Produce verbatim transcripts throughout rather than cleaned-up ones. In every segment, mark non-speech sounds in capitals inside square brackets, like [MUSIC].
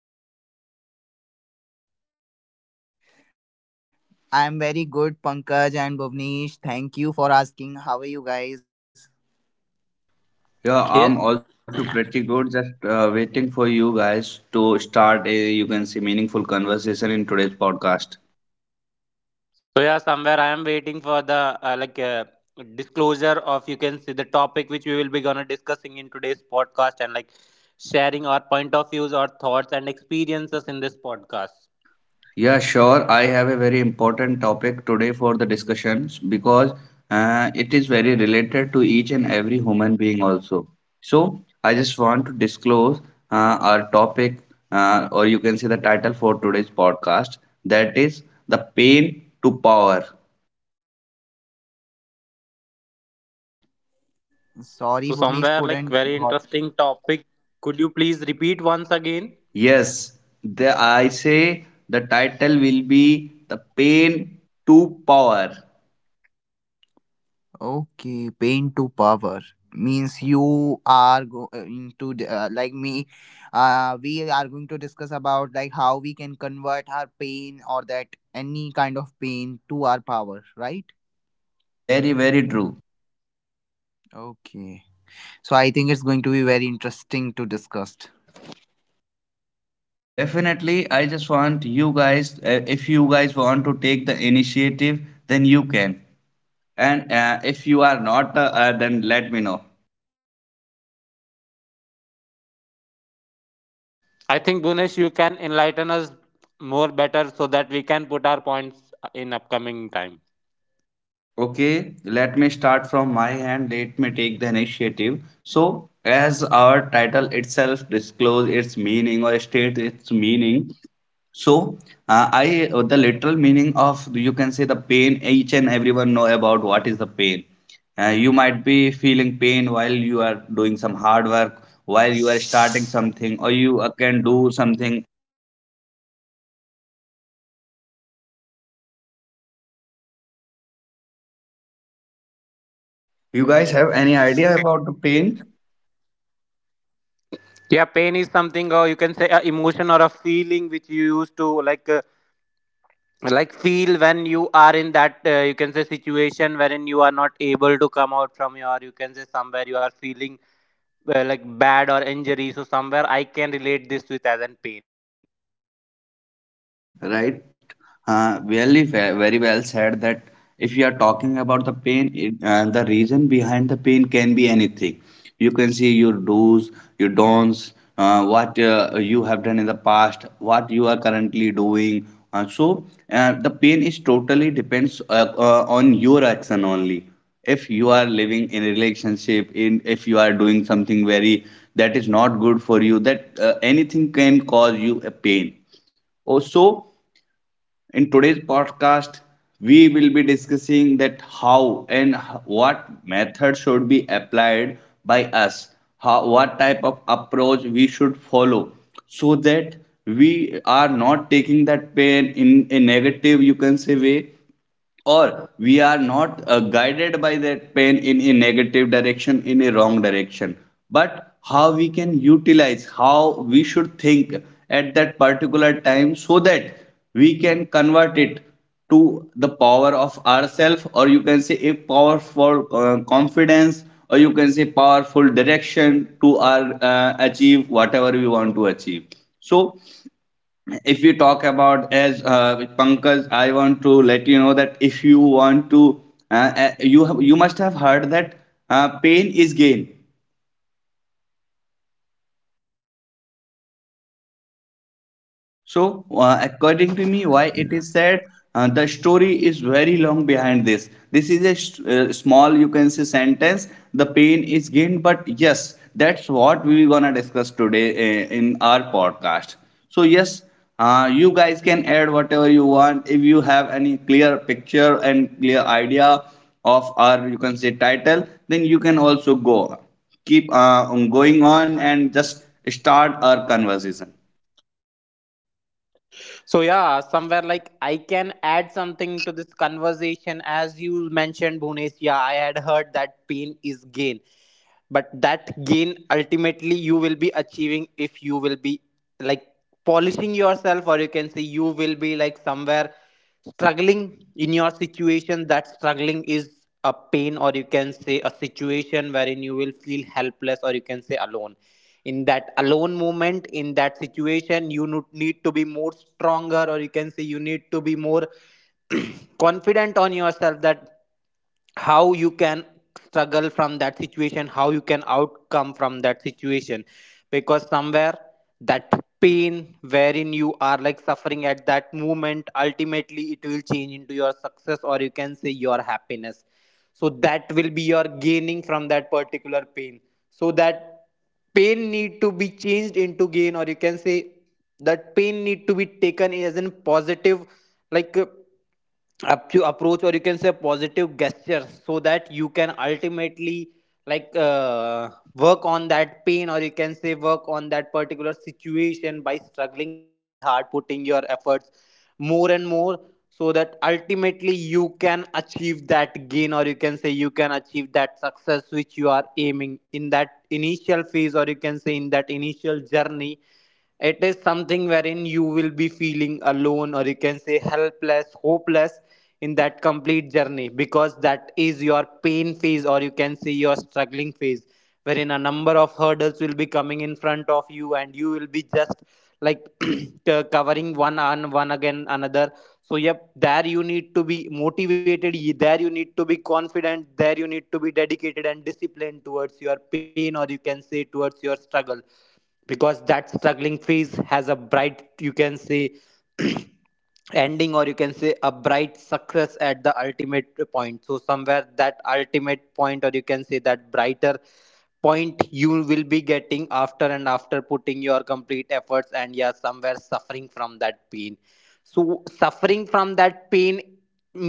Hello Bhuvnesh, hello Ajay, how are you both? I'm very good, Pankaj and Bhuvnesh. Thank you for asking. How are you guys? Yeah, I'm also Yes. pretty good, just uh, waiting for you guys to start a, you can say, meaningful conversation in today's podcast. So yeah, somewhere I am waiting for the uh, like uh, disclosure of, you can see, the topic which we will be gonna discussing in today's podcast, and like sharing our point of views, our thoughts and experiences in this podcast. Yeah, sure, I have a very important topic today for the discussions because uh, it is very related to each and every human being also. So, I just want to disclose uh, our topic, uh, or you can see the title for today's podcast, that is the pain to power. Sorry, So Bhuvnesh somewhere like couldn't very got. interesting topic. Could you please repeat once again? Yes, the, I say the title will be The Pain to Power. Okay, pain to power means you are going to d- uh, like me. Uh, we are going to discuss about like how we can convert our pain or that any kind of pain to our power, right? Very, very true. Okay. So I think it's going to be very interesting to discuss. Definitely, I just want you guys, uh, if you guys want to take the initiative, then you can. And uh, if you are not, uh, uh, then let me know. I think Bhunesh, you can enlighten us more better so that we can put our points uh, in upcoming time. Okay, let me start from my hand. Let me take the initiative. So, as our title itself disclose its meaning or state its meaning, so, uh, I uh, the literal meaning of you can say the pain. Each and everyone know about what is the pain. Uh, you might be feeling pain while you are doing some hard work, while you are starting something, or you uh, can do something. You guys have any idea about the pain? Yeah, pain is something, or you can say, a emotion or a feeling which you used to like, uh, like feel when you are in that, uh, you can say, situation wherein you are not able to come out from your, you can say, somewhere you are feeling uh, like bad or injury. So somewhere I can relate this with as an pain. Okay, right. Uh, really, ve- very well said that if you are talking about the pain, it, uh, the reason behind the pain can be anything. You can see your do's, your don'ts, uh, what uh, you have done in the past, what you are currently doing. Uh, so, uh, the pain is totally depends uh, uh, on your action only. If you are living in a relationship, in if you are doing something very that is not good for you, that uh, anything can cause you a pain also. In today's podcast, we will be discussing that how and what method should be applied by us, how, what type of approach we should follow so that we are not taking that pain in a negative, you can say, way, or we are not uh, guided by that pain in a negative direction, in a wrong direction, but how we can utilize, how we should think at that particular time so that we can convert it to the power of ourself, or you can say a powerful uh, confidence, or you can say powerful direction to our uh, achieve whatever we want to achieve. So if you talk about as uh, with Pankaj, I want to let you know that if you want to, uh, uh, you have, you must have heard that uh, pain is gain. So, uh, according to me, why it is said, uh, the story is very long behind this. This is a s- uh, small, you can say, sentence. The pain is gained, but yes, that's what we gonna discuss today uh, in our podcast. So, yes, uh, you guys can add whatever you want. If you have any clear picture and clear idea of our, you can say, title, then you can also go keep uh, going on and just start our conversation. So yeah, somewhere like I can add something to this conversation as you mentioned, Bhunesh. Yeah, I had heard that pain is gain, but that gain ultimately you will be achieving if you will be like polishing yourself, or you can say you will be like somewhere struggling in your situation. That struggling is a pain, or you can say a situation wherein you will feel helpless, or you can say alone. In that alone moment, in that situation, you no- need to be more stronger, or you can say you need to be more [CLEARS THROAT] confident on yourself, that how you can struggle from that situation, how you can outcome from that situation. Because somewhere that pain wherein you are like suffering at that moment, ultimately it will change into your success, or you can say your happiness. So that will be your gaining from that particular pain. So that pain need to be changed into gain, or you can say that pain need to be taken as a positive like uh, up to approach, or you can say positive gesture, so that you can ultimately like uh, work on that pain, or you can say work on that particular situation by struggling hard and hard, putting your efforts more and more, so that ultimately you can achieve that gain, or you can say you can achieve that success which you are aiming in that initial phase, or you can say in that initial journey. It is something wherein you will be feeling alone, or you can say helpless, hopeless in that complete journey, because that is your pain phase, or you can say your struggling phase, wherein a number of hurdles will be coming in front of you, and you will be just like [CLEARS THROAT] co- covering one on one again another. So yep, there you need to be motivated, y- there you need to be confident, there you need to be dedicated and disciplined towards your pain, or you can say towards your struggle, because that struggling phase has a bright, you can say, [CLEARS THROAT] ending, or you can say a bright success at the ultimate point. So somewhere that ultimate point, or you can say that brighter point, you will be getting after and after putting your complete efforts, and yeah, somewhere suffering from that pain. So suffering from that pain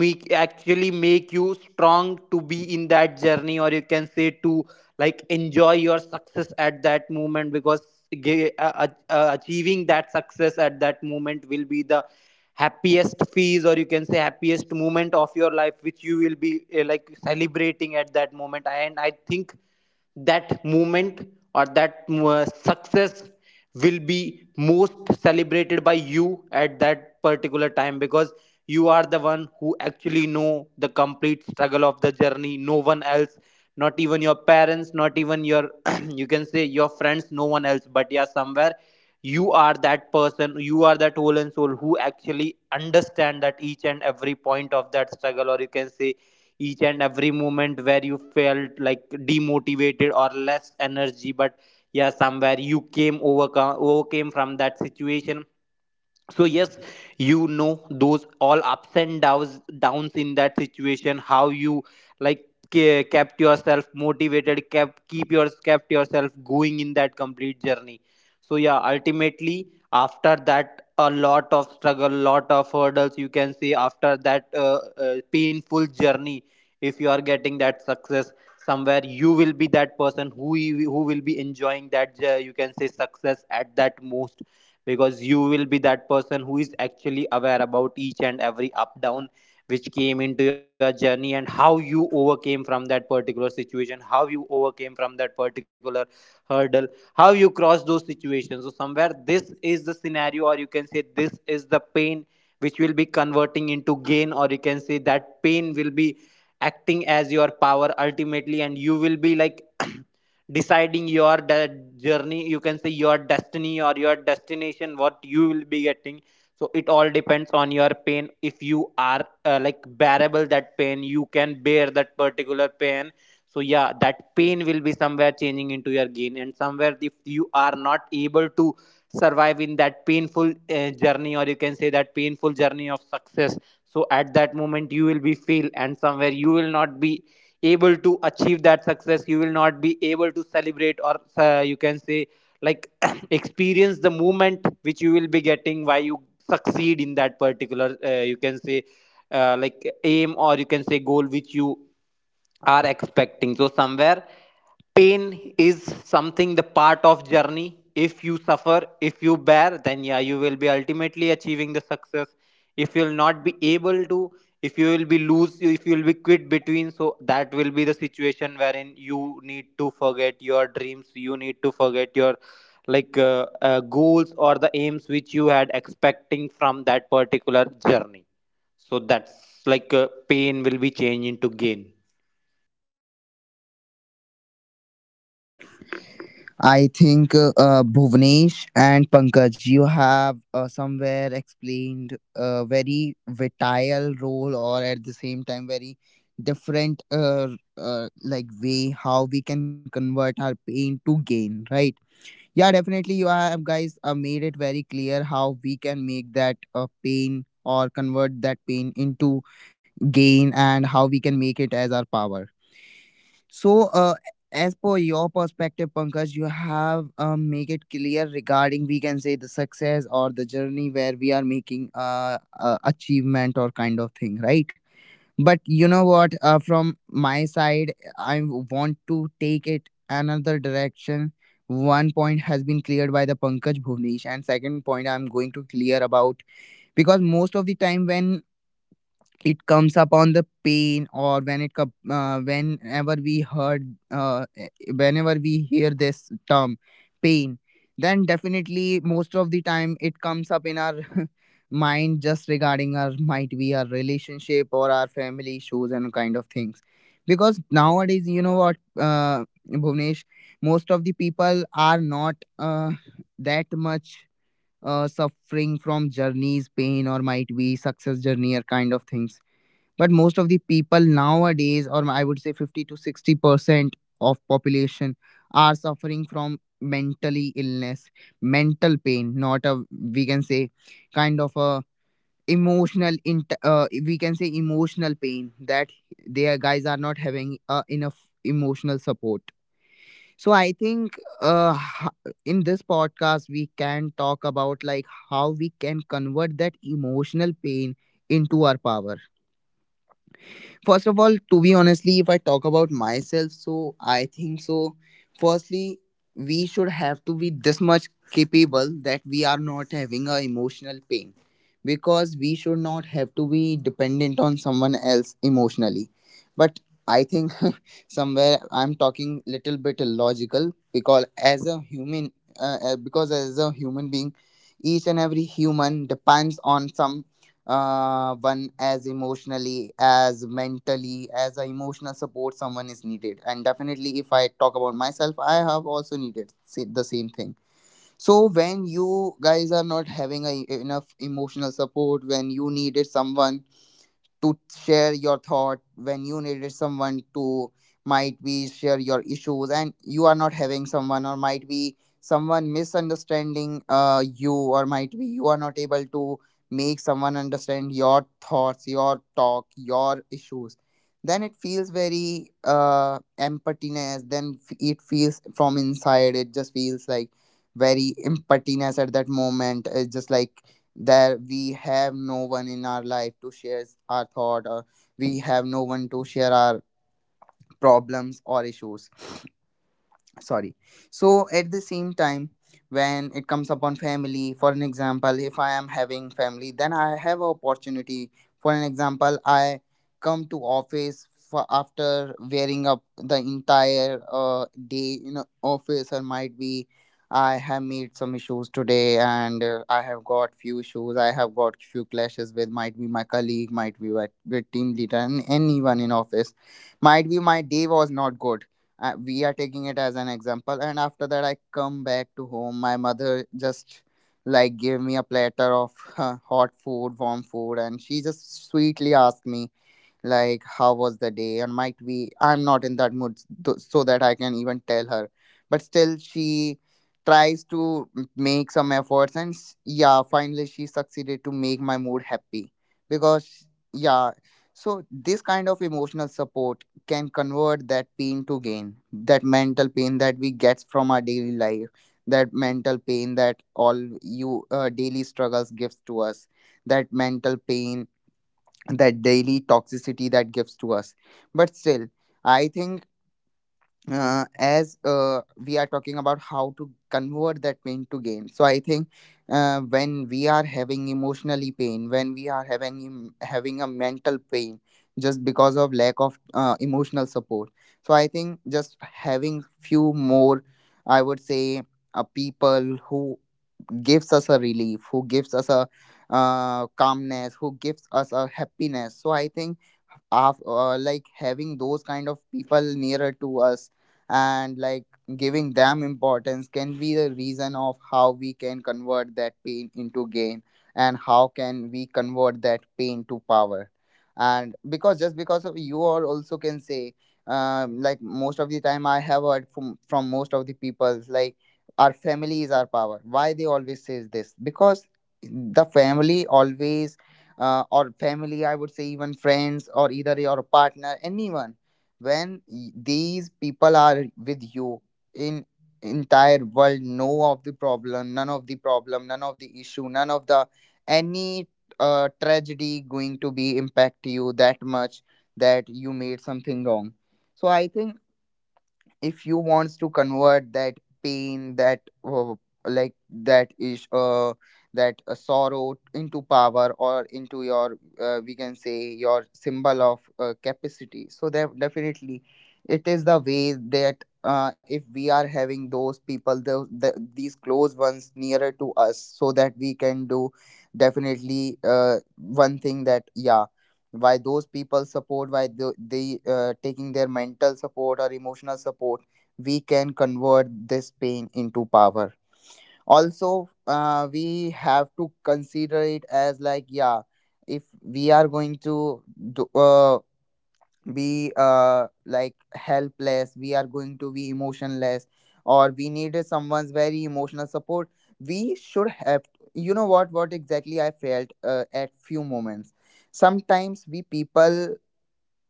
make actually make you strong to be in that journey, or you can say to like enjoy your success at that moment, because ge- uh, uh, achieving that success at that moment will be the happiest phase, or you can say happiest moment of your life, which you will be uh, like celebrating at that moment. And I think that moment, or that uh, success, will be most celebrated by you at that particular time, because you are the one who actually know the complete struggle of the journey. No one else, not even your parents, not even your, [CLEARS THROAT] you can say, your friends, no one else. But yeah, somewhere you are that person, you are that whole and soul who actually understand that each and every point of that struggle, or you can say each and every moment where you felt like demotivated or less energy. But yeah, somewhere you came overcome overcame from that situation. So yes, you know those all ups and downs downs in that situation, how you like ke- kept yourself motivated kept keep your kept yourself going in that complete journey. So yeah, ultimately after that a lot of struggle, lot of hurdles, you can say after that uh, uh, painful journey, if you are getting that success, somewhere you will be that person who you- who will be enjoying that, uh, you can say, success at that most, because you will be that person who is actually aware about each and every up down which came into your journey, and how you overcame from that particular situation, how you overcame from that particular hurdle, how you cross those situations. So somewhere this is the scenario, or you can say this is the pain which will be converting into gain, or you can say that pain will be acting as your power ultimately. And you will be like [CLEARS THROAT] deciding your de- journey, you can say your destiny or your destination, what you will be getting. So it all depends on your pain. If you are uh, like bearable that pain, you can bear that particular pain, so yeah, that pain will be somewhere changing into your gain. And somewhere if you are not able to survive in that painful uh, journey, or you can say that painful journey of success, so at that moment you will be fail, and somewhere you will not be able to achieve that success, you will not be able to celebrate, or uh, you can say like [CLEARS THROAT] experience the moment which you will be getting why you succeed in that particular, uh, you can say, uh, like aim, or you can say goal, which you are expecting. So somewhere pain is something the part of journey. If you suffer, if you bear, then yeah, you will be ultimately achieving the success. If you'll not be able to, if you will be lose, if you will be quit between, so that will be the situation wherein you need to forget your dreams, you need to forget your like uh, uh, goals or the aims which you had expecting from that particular journey. So that's like uh, pain will be changed into gain. I think uh, uh, Bhuvnesh and Pankaj, you have uh, somewhere explained a very vital role, or at the same time, very different, uh, uh, like way how we can convert our pain to gain. Right? Yeah, definitely. You have guys uh, made it very clear how we can make that uh, pain or convert that pain into gain, and how we can make it as our power. So, uh, as per your perspective, Pankaj, you have um, make it clear regarding we can say the success or the journey where we are making uh, uh achievement or kind of thing, right? But you know what? Uh, from my side, I want to take it another direction. One point has been cleared by the Pankaj Bhuvnesh, and second point I'm going to clear about because most of the time when it comes upon the pain or when it com- uh, whenever we heard uh, eh, whenever we hear this term pain, then definitely most of the time it comes up in our [LAUGHS] mind just regarding our might be our relationship or our family issues and kind of things. Because nowadays, you know what, uh, Bhuvnesh, most of the people are not uh, that much uh, suffering from journeys, pain, or might be success journey or kind of things, but most of the people nowadays, or I would say fifty to sixty percent of population, are suffering from mentally illness, mental pain, not a, we can say, kind of a emotional int- uh, we can say emotional pain, that their guys are not having uh, enough emotional support. So I think uh, h- in this podcast we can talk about like how we can convert that emotional pain into our power. First of all, to be honestly, if I talk about myself, so I think so. Firstly, we should have to be this much capable that we are not having a emotional pain, because we should not have to be dependent on someone else emotionally. But I think [LAUGHS] somewhere I'm talking little bit illogical, because as a human, uh, uh, because as a human being, each and every human depends on some uh, one as emotionally, as mentally, as a emotional support, someone is needed. And definitely if I talk about myself, I have also needed sa- the same thing. So when you guys are not having a, enough emotional support, when you needed someone to share your thought, when you needed someone to might be share your issues, and you are not having someone, or might be someone misunderstanding uh, you, or might be you are not able to make someone understand your thoughts, your talk, your issues, then it feels very uh emptiness, then f- it feels from inside, it just feels like very emptiness at that moment. It's just like that we have no one in our life to share our thought, or we have no one to share our problems or issues. Sorry. So at the same time, when it comes upon family, for an example, if I am having family, then I have a opportunity. For an example, I come to office for after wearing up the entire uh, day in a office, or might be I have made some issues today, and uh, I have got few issues, I have got few clashes with, might be my colleague, might be with, with team leader and anyone in office, might be my day was not good. I, we are taking it as an example. And after that, I come back to home, my mother just like gave me a platter of [LAUGHS] hot food, warm food, and she just sweetly asked me like, how was the day? And might be I'm not in that mood, th- so that I can even tell her, but still she tries to m- make some efforts, and s- yeah, finally she succeeded to make my mood happy. Because yeah. So this kind of emotional support can convert that pain to gain, that mental pain that we get from our daily life, that mental pain that all you uh, daily struggles gives to us, that mental pain, that daily toxicity that gives to us. But still, I think, uh, as uh, we are talking about how to convert that pain to gain, so I think uh, when we are having emotionally pain, when we are having em- having a mental pain, just because of lack of uh, emotional support, so I think just having few more, I would say, uh, people who gives us a relief, who gives us a uh, calmness, who gives us a happiness. So I think af- uh, like having those kind of people nearer to us, and like giving them importance, can be the reason of how we can convert that pain into gain, and how can we convert that pain to power. And because just because of you all also can say, um, like most of the time I have heard from from most of the people like, our family is our power. Why they always says this? Because the family always uh, or family, I would say, even friends, or either your partner, anyone, when y- these people are with you, in entire world, know of the problem, none of the problem, none of the issue, none of the any uh, tragedy going to be impact you that much, that you made something wrong. So I think if you wants to convert that pain, that uh, like that is uh, that uh, sorrow into power, or into your, uh, we can say, your symbol of uh, capacity, so that definitely it is the way that uh, if we are having those people, the, the, these close ones nearer to us, so that we can do definitely uh, one thing, that yeah, why those people support, why the, they uh, taking their mental support or emotional support, we can convert this pain into power. Also uh, we have to consider it as like, yeah, if we are going to do, uh, be uh, like helpless, we are going to be emotionless, or we needed someone's very emotional support. We should have, you know what what exactly I felt uh, at few moments. Sometimes we people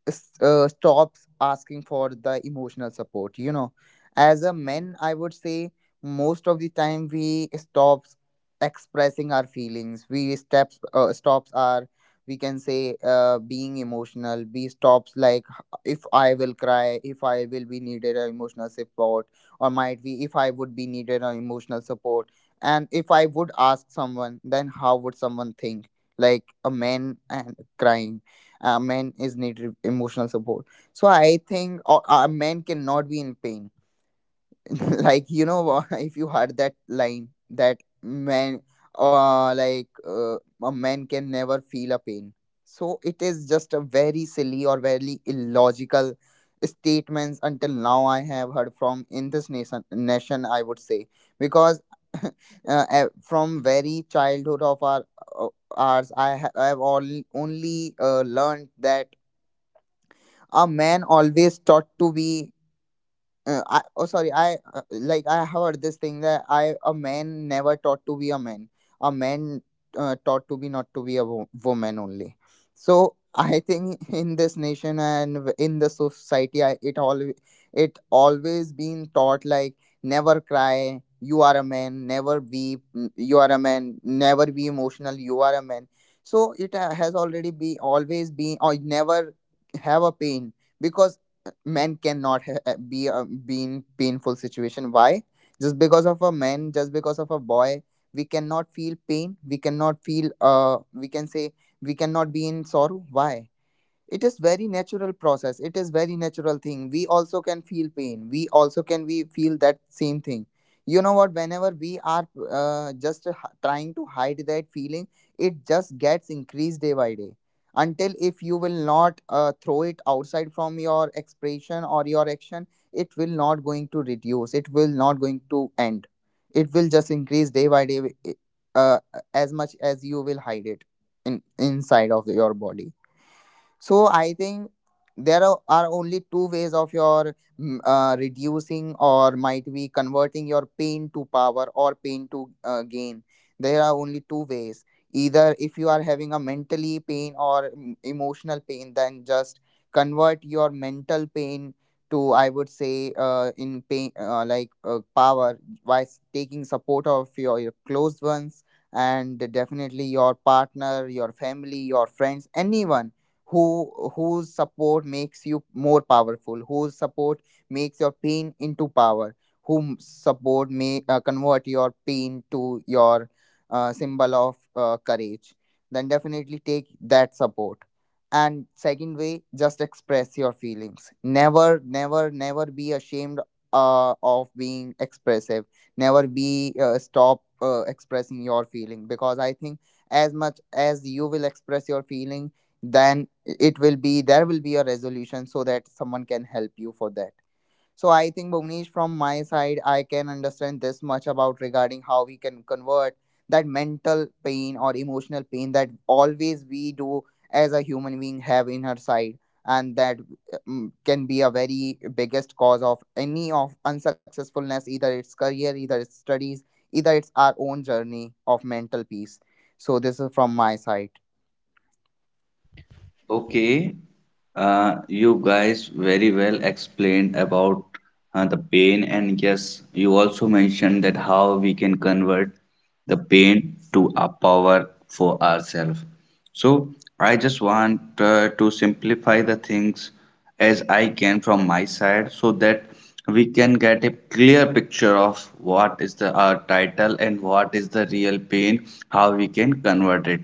s- uh, stops asking for the emotional support, you know, as a man, I would say, most of the time we stops expressing our feelings, we steps uh, stops our, we can say, uh, being emotional, we stops like, h- if I will cry, if I will be needed a emotional support, or might be if I would be needed an emotional support, and if I would ask someone, then how would someone think? Like, a man and crying, a man is needed emotional support. So I think a uh, men cannot be in pain. [LAUGHS] Like, you know what, [LAUGHS] if you heard that line that man, uh, like uh, a man can never feel a pain. So it is just a very silly or very illogical statements until now I have heard from, in this nation, nation I would say. Because [LAUGHS] uh, eh, from very childhood of our uh, ours, i, ha- I have all, only uh, learned that a man always thought to be uh, I, oh sorry, I uh, like I heard this thing that I a man never taught to be a man, a man uh, taught to be not to be a wo- woman only. So [LAUGHS] I think in this nation and w- in the society, I, it all, it always been taught like, never cry, you are a man, never weep, n- you are a man, never be emotional, you are a man. So it uh, has already be always been, or never have a pain, because men cannot ha- eh, be uh, be in painful situation. Why? Just because of a man, just because of a boy, we cannot feel pain, we cannot feel uh, we can say we cannot be in sorrow. Why? It is very natural process, it is very natural thing, we also can feel pain, we also can we feel that same thing. You know what, whenever we are uh, just h- trying to hide that feeling, it just gets increased day by day. Until if you will not uh, throw it outside from your expression or your action, it will not going to reduce, it will not going to end, it will just increase day by day eh, eh, uh, as much as you will hide it in inside of your body. So I think there are are only two ways of your mm, uh, reducing, or might be converting your pain to power or pain to uh, gain. There are only two ways. Either if you are having a mentally pain or mm, emotional pain, then just convert your mental pain to, I would say, uh, in pain uh, like uh, power, by s- taking support of your, your close ones, and definitely your partner, your family, your friends, anyone, who, whose support makes you more powerful, whose support makes your pain into power, whom support may uh, convert your pain to your uh, symbol of uh, courage, then definitely take that support. And second way, just express your feelings, never never never be ashamed uh, of being expressive, never be uh, stop uh, expressing your feeling, because I think as much as you will express your feeling, then it will be, there will be a resolution, so that someone can help you for that. So I think, Bhuvnesh, from my side I can understand this much about regarding how we can convert that mental pain or emotional pain that always we do as a human being have in her side. And that uh, mm, can be a very biggest cause of any of unsuccessfulness, either it's career, either it's studies, either it's our own journey of mental peace. So this is from my side. Okay, uh, you guys very well explained about uh, the pain, and yes, you also mentioned that how we can convert the pain to a power for ourselves. So, I just want uh, to simplify the things as I can from my side so that we can get a clear picture of what is the our title and what is the real pain, how we can convert it.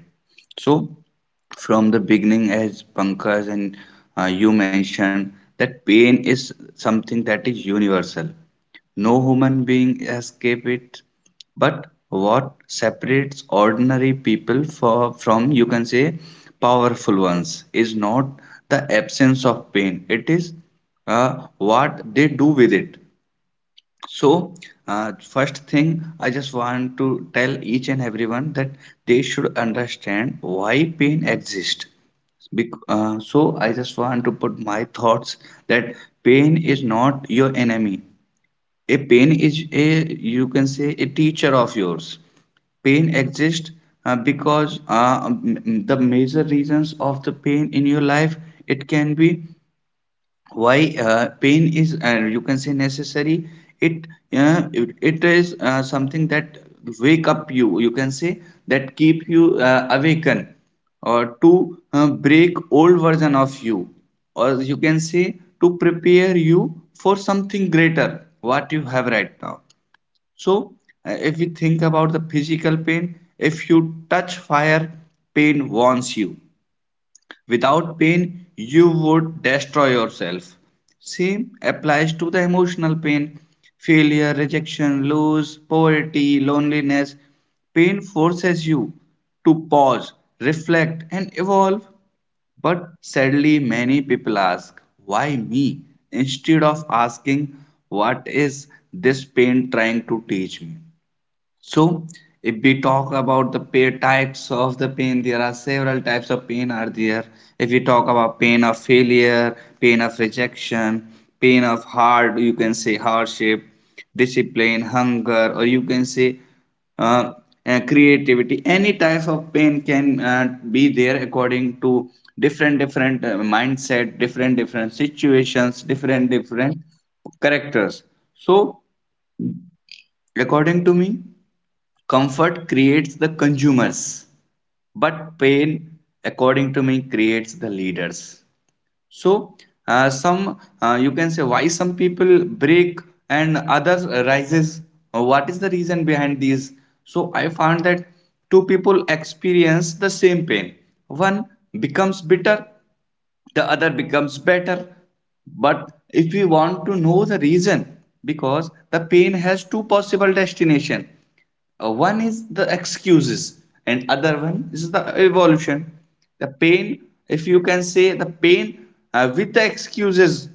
So, from the beginning as Pankaj and uh, you mentioned that pain is something that is universal. No human being escape it. But what separates ordinary people for, from you can say powerful ones is not the absence of pain. It is uh, what they do with it. So, uh, first thing, I just want to tell each and everyone that they should understand why pain exists. Bec- uh, so, I just want to put my thoughts that pain is not your enemy. A pain is a, you can say, a teacher of yours. Pain exists uh, because uh, m- m- the major reasons of the pain in your life, it can be why uh, pain is, uh, you can say, necessary. It uh, it, it is uh, something that wake up you, you can say, that keep you uh, awaken, or to uh, break old version of you, or you can say to prepare you for something greater what you have right now. So uh, if we think about the physical pain, if you touch fire, pain warns you. Without pain, you would destroy yourself. Same applies to the emotional pain: failure, rejection, loss, poverty, loneliness. Pain forces you to pause, reflect, and evolve. But sadly, many people ask, "Why me?" instead of asking, "What is this pain trying to teach me?" So, if we talk about the pain, types of the pain, there are several types of pain are there. If we talk about pain of failure, pain of rejection, pain of hard, you can say hardship, discipline, hunger, or you can say uh, uh, creativity. Any type of pain can uh, be there according to different different uh, mindset, different different situations, different different characters. So, according to me, comfort creates the consumers, but pain, according to me, creates the leaders. So, uh, some, uh, you can say, why some people break and others rises. Uh, What is the reason behind these? So, I found that two people experience the same pain. One becomes bitter, the other becomes better. But if we want to know the reason, because the pain has two possible destination. Uh, one is the excuses and other one is the evolution. The pain, if you can say the pain uh, with the excuses,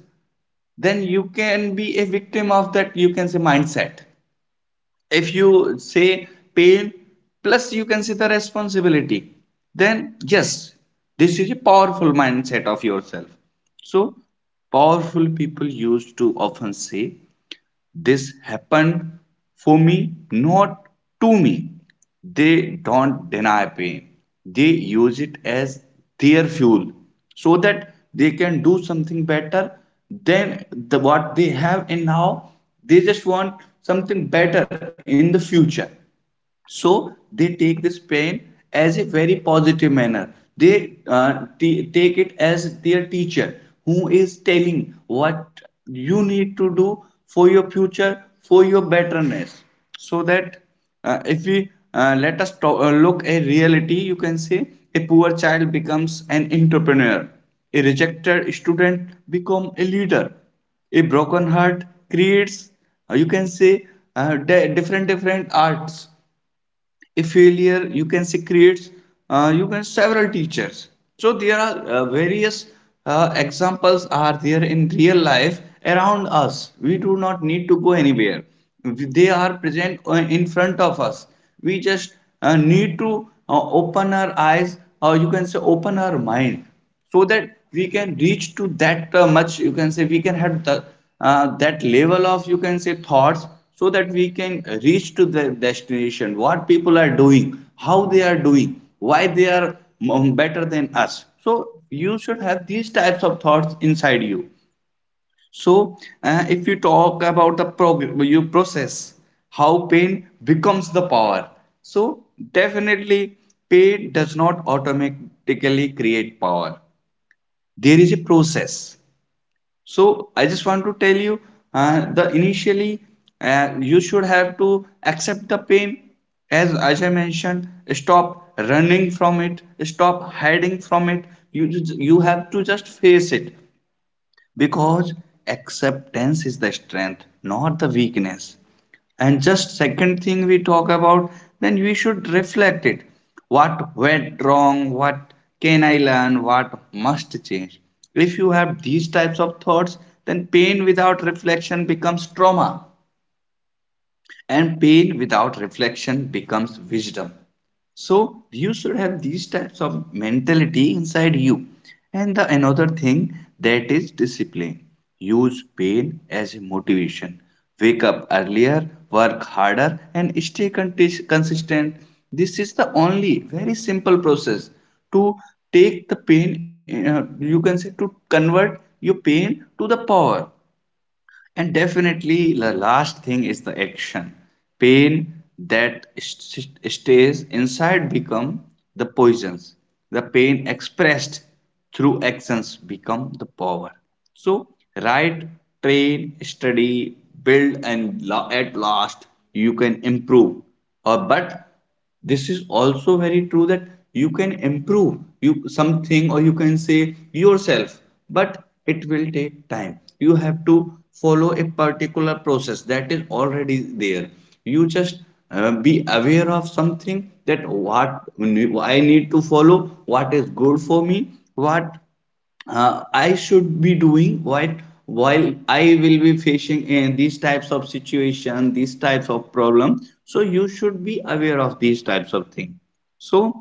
then you can be a victim of that, you can say, mindset. If you say pain plus, you can say, the responsibility, then yes, this is a powerful mindset of yourself. So powerful people used to often say this happened for me, not to me. They don't deny pain, they use it as their fuel so that they can do something better than the, what they have and now. They just want something better in the future, so they take this pain as a very positive manner, they uh, take it as their teacher who is telling what you need to do for your future, for your betterness. So that uh, if we uh, let us to- uh, look a reality, you can say a poor child becomes an entrepreneur, a rejected student become a leader, a broken heart creates uh, you can say uh, different different arts, a failure you can see creates uh, you can several teachers. So there are uh, various uh, examples are there in real life around us. We do not need to go anywhere, they are present uh, in front of us. We just uh, need to uh, open our eyes, or you can say open our mind, so that we can reach to that uh, much, you can say, we can have the, uh, that level of, you can say, thoughts, so that we can reach to the destination, what people are doing, how they are doing, why they are um, better than us. So you should have these types of thoughts inside you. So uh, if you talk about the prog- your process, how pain becomes the power, so definitely pain does not automatically create power. There is a process. So I just want to tell you, uh, the initially, uh, you should have to accept the pain. as, as I mentioned, stop running from it, stop hiding from it, you you have to just face it, because acceptance is the strength, not the weakness. And just second thing we talk about, then we should reflect it. What went wrong, what can I learn, what must change? If you have these types of thoughts, then pain without reflection becomes trauma, and pain without reflection becomes wisdom. So you should have these types of mentality inside you. And the another thing, that is discipline. Use pain as a motivation. Wake up earlier, work harder, and stay contis- consistent. This is the only very simple process to take the pain, uh, you can say, to convert your pain to the power. And definitely, the last thing is the action. Pain that st- stays inside become the poisons. The pain expressed through actions become the power. So write, train, study, build, and la- at last you can improve. Or but this is also very true that you can improve you something, or you can say yourself, but it will take time. You have to follow a particular process that is already there. You just uh, be aware of something, that what I need to follow, what is good for me, what uh, I should be doing, what while I will be facing in these types of situation, these types of problem. So you should be aware of these types of thing. So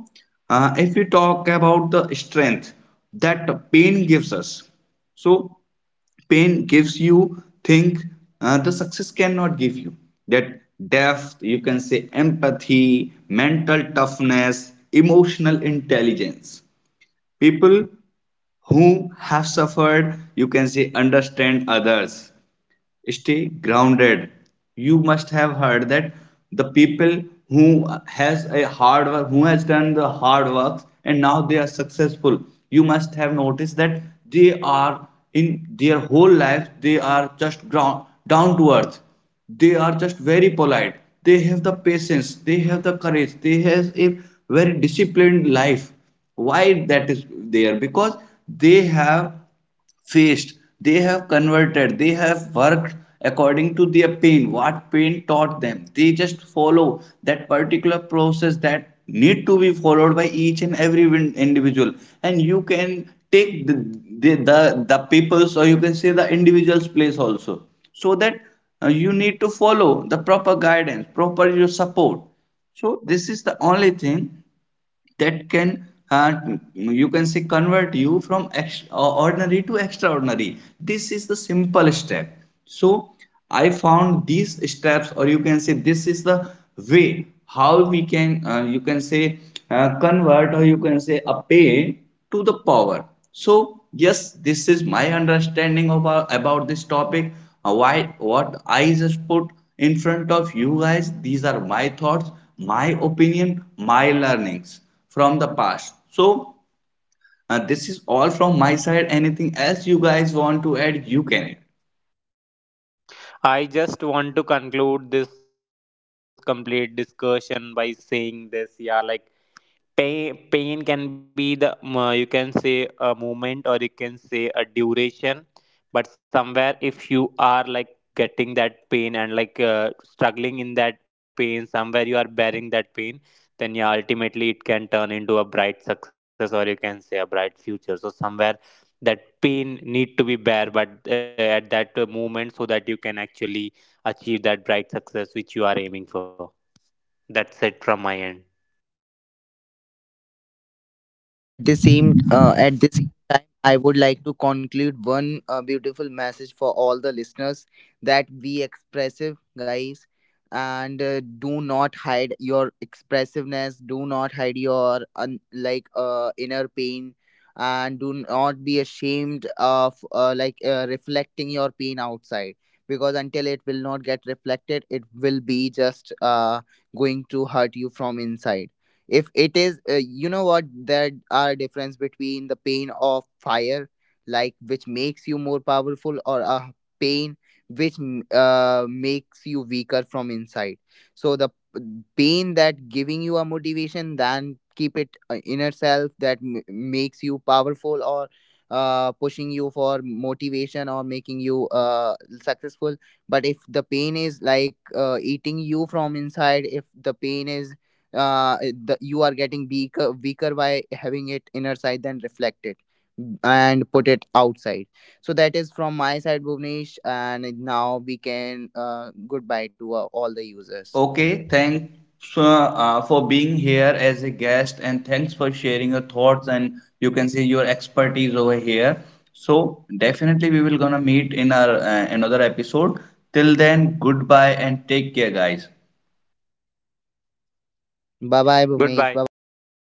uh, if we talk about the strength that pain gives us, so pain gives you think uh, the success cannot give you, that depth. You can say empathy, mental toughness, emotional intelligence. People who have suffered, you can say, understand others, stay grounded. You must have heard that the people who has a hard work, who has done the hard work and now they are successful, you must have noticed that they are in their whole life, they are just ground down to earth, they are just very polite, they have the patience, they have the courage, they have a very disciplined life. Why that is there? Because they have faced, they have converted, they have worked according to their pain, what pain taught them, they just follow that particular process that need to be followed by each and every individual. And you can take the the, the, the people's, or you can say the individual's place also, so that uh, you need to follow the proper guidance, proper your support. So this is the only thing that can uh, you can say convert you from ex- uh, ordinary to extraordinary. This is the simple step. So I found these steps, or you can say this is the way how we can uh, you can say uh, convert, or you can say a pain to the power. So yes, this is my understanding about about this topic. Uh, why what I just put in front of you guys, these are my thoughts, my opinion, my learnings from the past. So, uh, this is all from my side. Anything else you guys want to add, you can add. I just want to conclude this complete discussion by saying this, yeah, like Pain, pain can be the, uh, you can say, a moment, or you can say a duration, but somewhere if you are like getting that pain and like uh, struggling in that pain, somewhere you are bearing that pain, then yeah, ultimately it can turn into a bright success, or you can say a bright future. So somewhere that pain need to be bare, but uh, at that uh, moment, so that you can actually achieve that bright success which you are aiming for. That's it from my end. At the same uh, at the same time, I would like to conclude one uh, beautiful message for all the listeners, that be expressive, guys, and uh, do not hide your expressiveness. Do not hide your un- like uh, inner pain, and do not be ashamed of uh, like uh, reflecting your pain outside, because until it will not get reflected, it will be just uh, going to hurt you from inside. If it is uh, you know what, there are difference between the pain of fire, like, which makes you more powerful, or a pain which m- uh, makes you weaker from inside. So the p- pain that giving you a motivation, then keep it uh, inner self that m- makes you powerful, or uh, pushing you for motivation, or making you uh, successful. But if the pain is like uh, eating you from inside, if the pain is uh, the, you are getting weaker, weaker by having it inner side, then reflect it and put it outside. So that is from my side, Bhuvnesh, and now we can uh, goodbye to uh, all the users. Okay, thanks uh, uh, for being here as a guest, and thanks for sharing your thoughts and you can see your expertise over here. So, definitely we will gonna meet in our uh, another episode. Till then, goodbye and take care, guys. Bye bye, Bhuvnesh. Bye bye, all the users. Bye. Goodbye.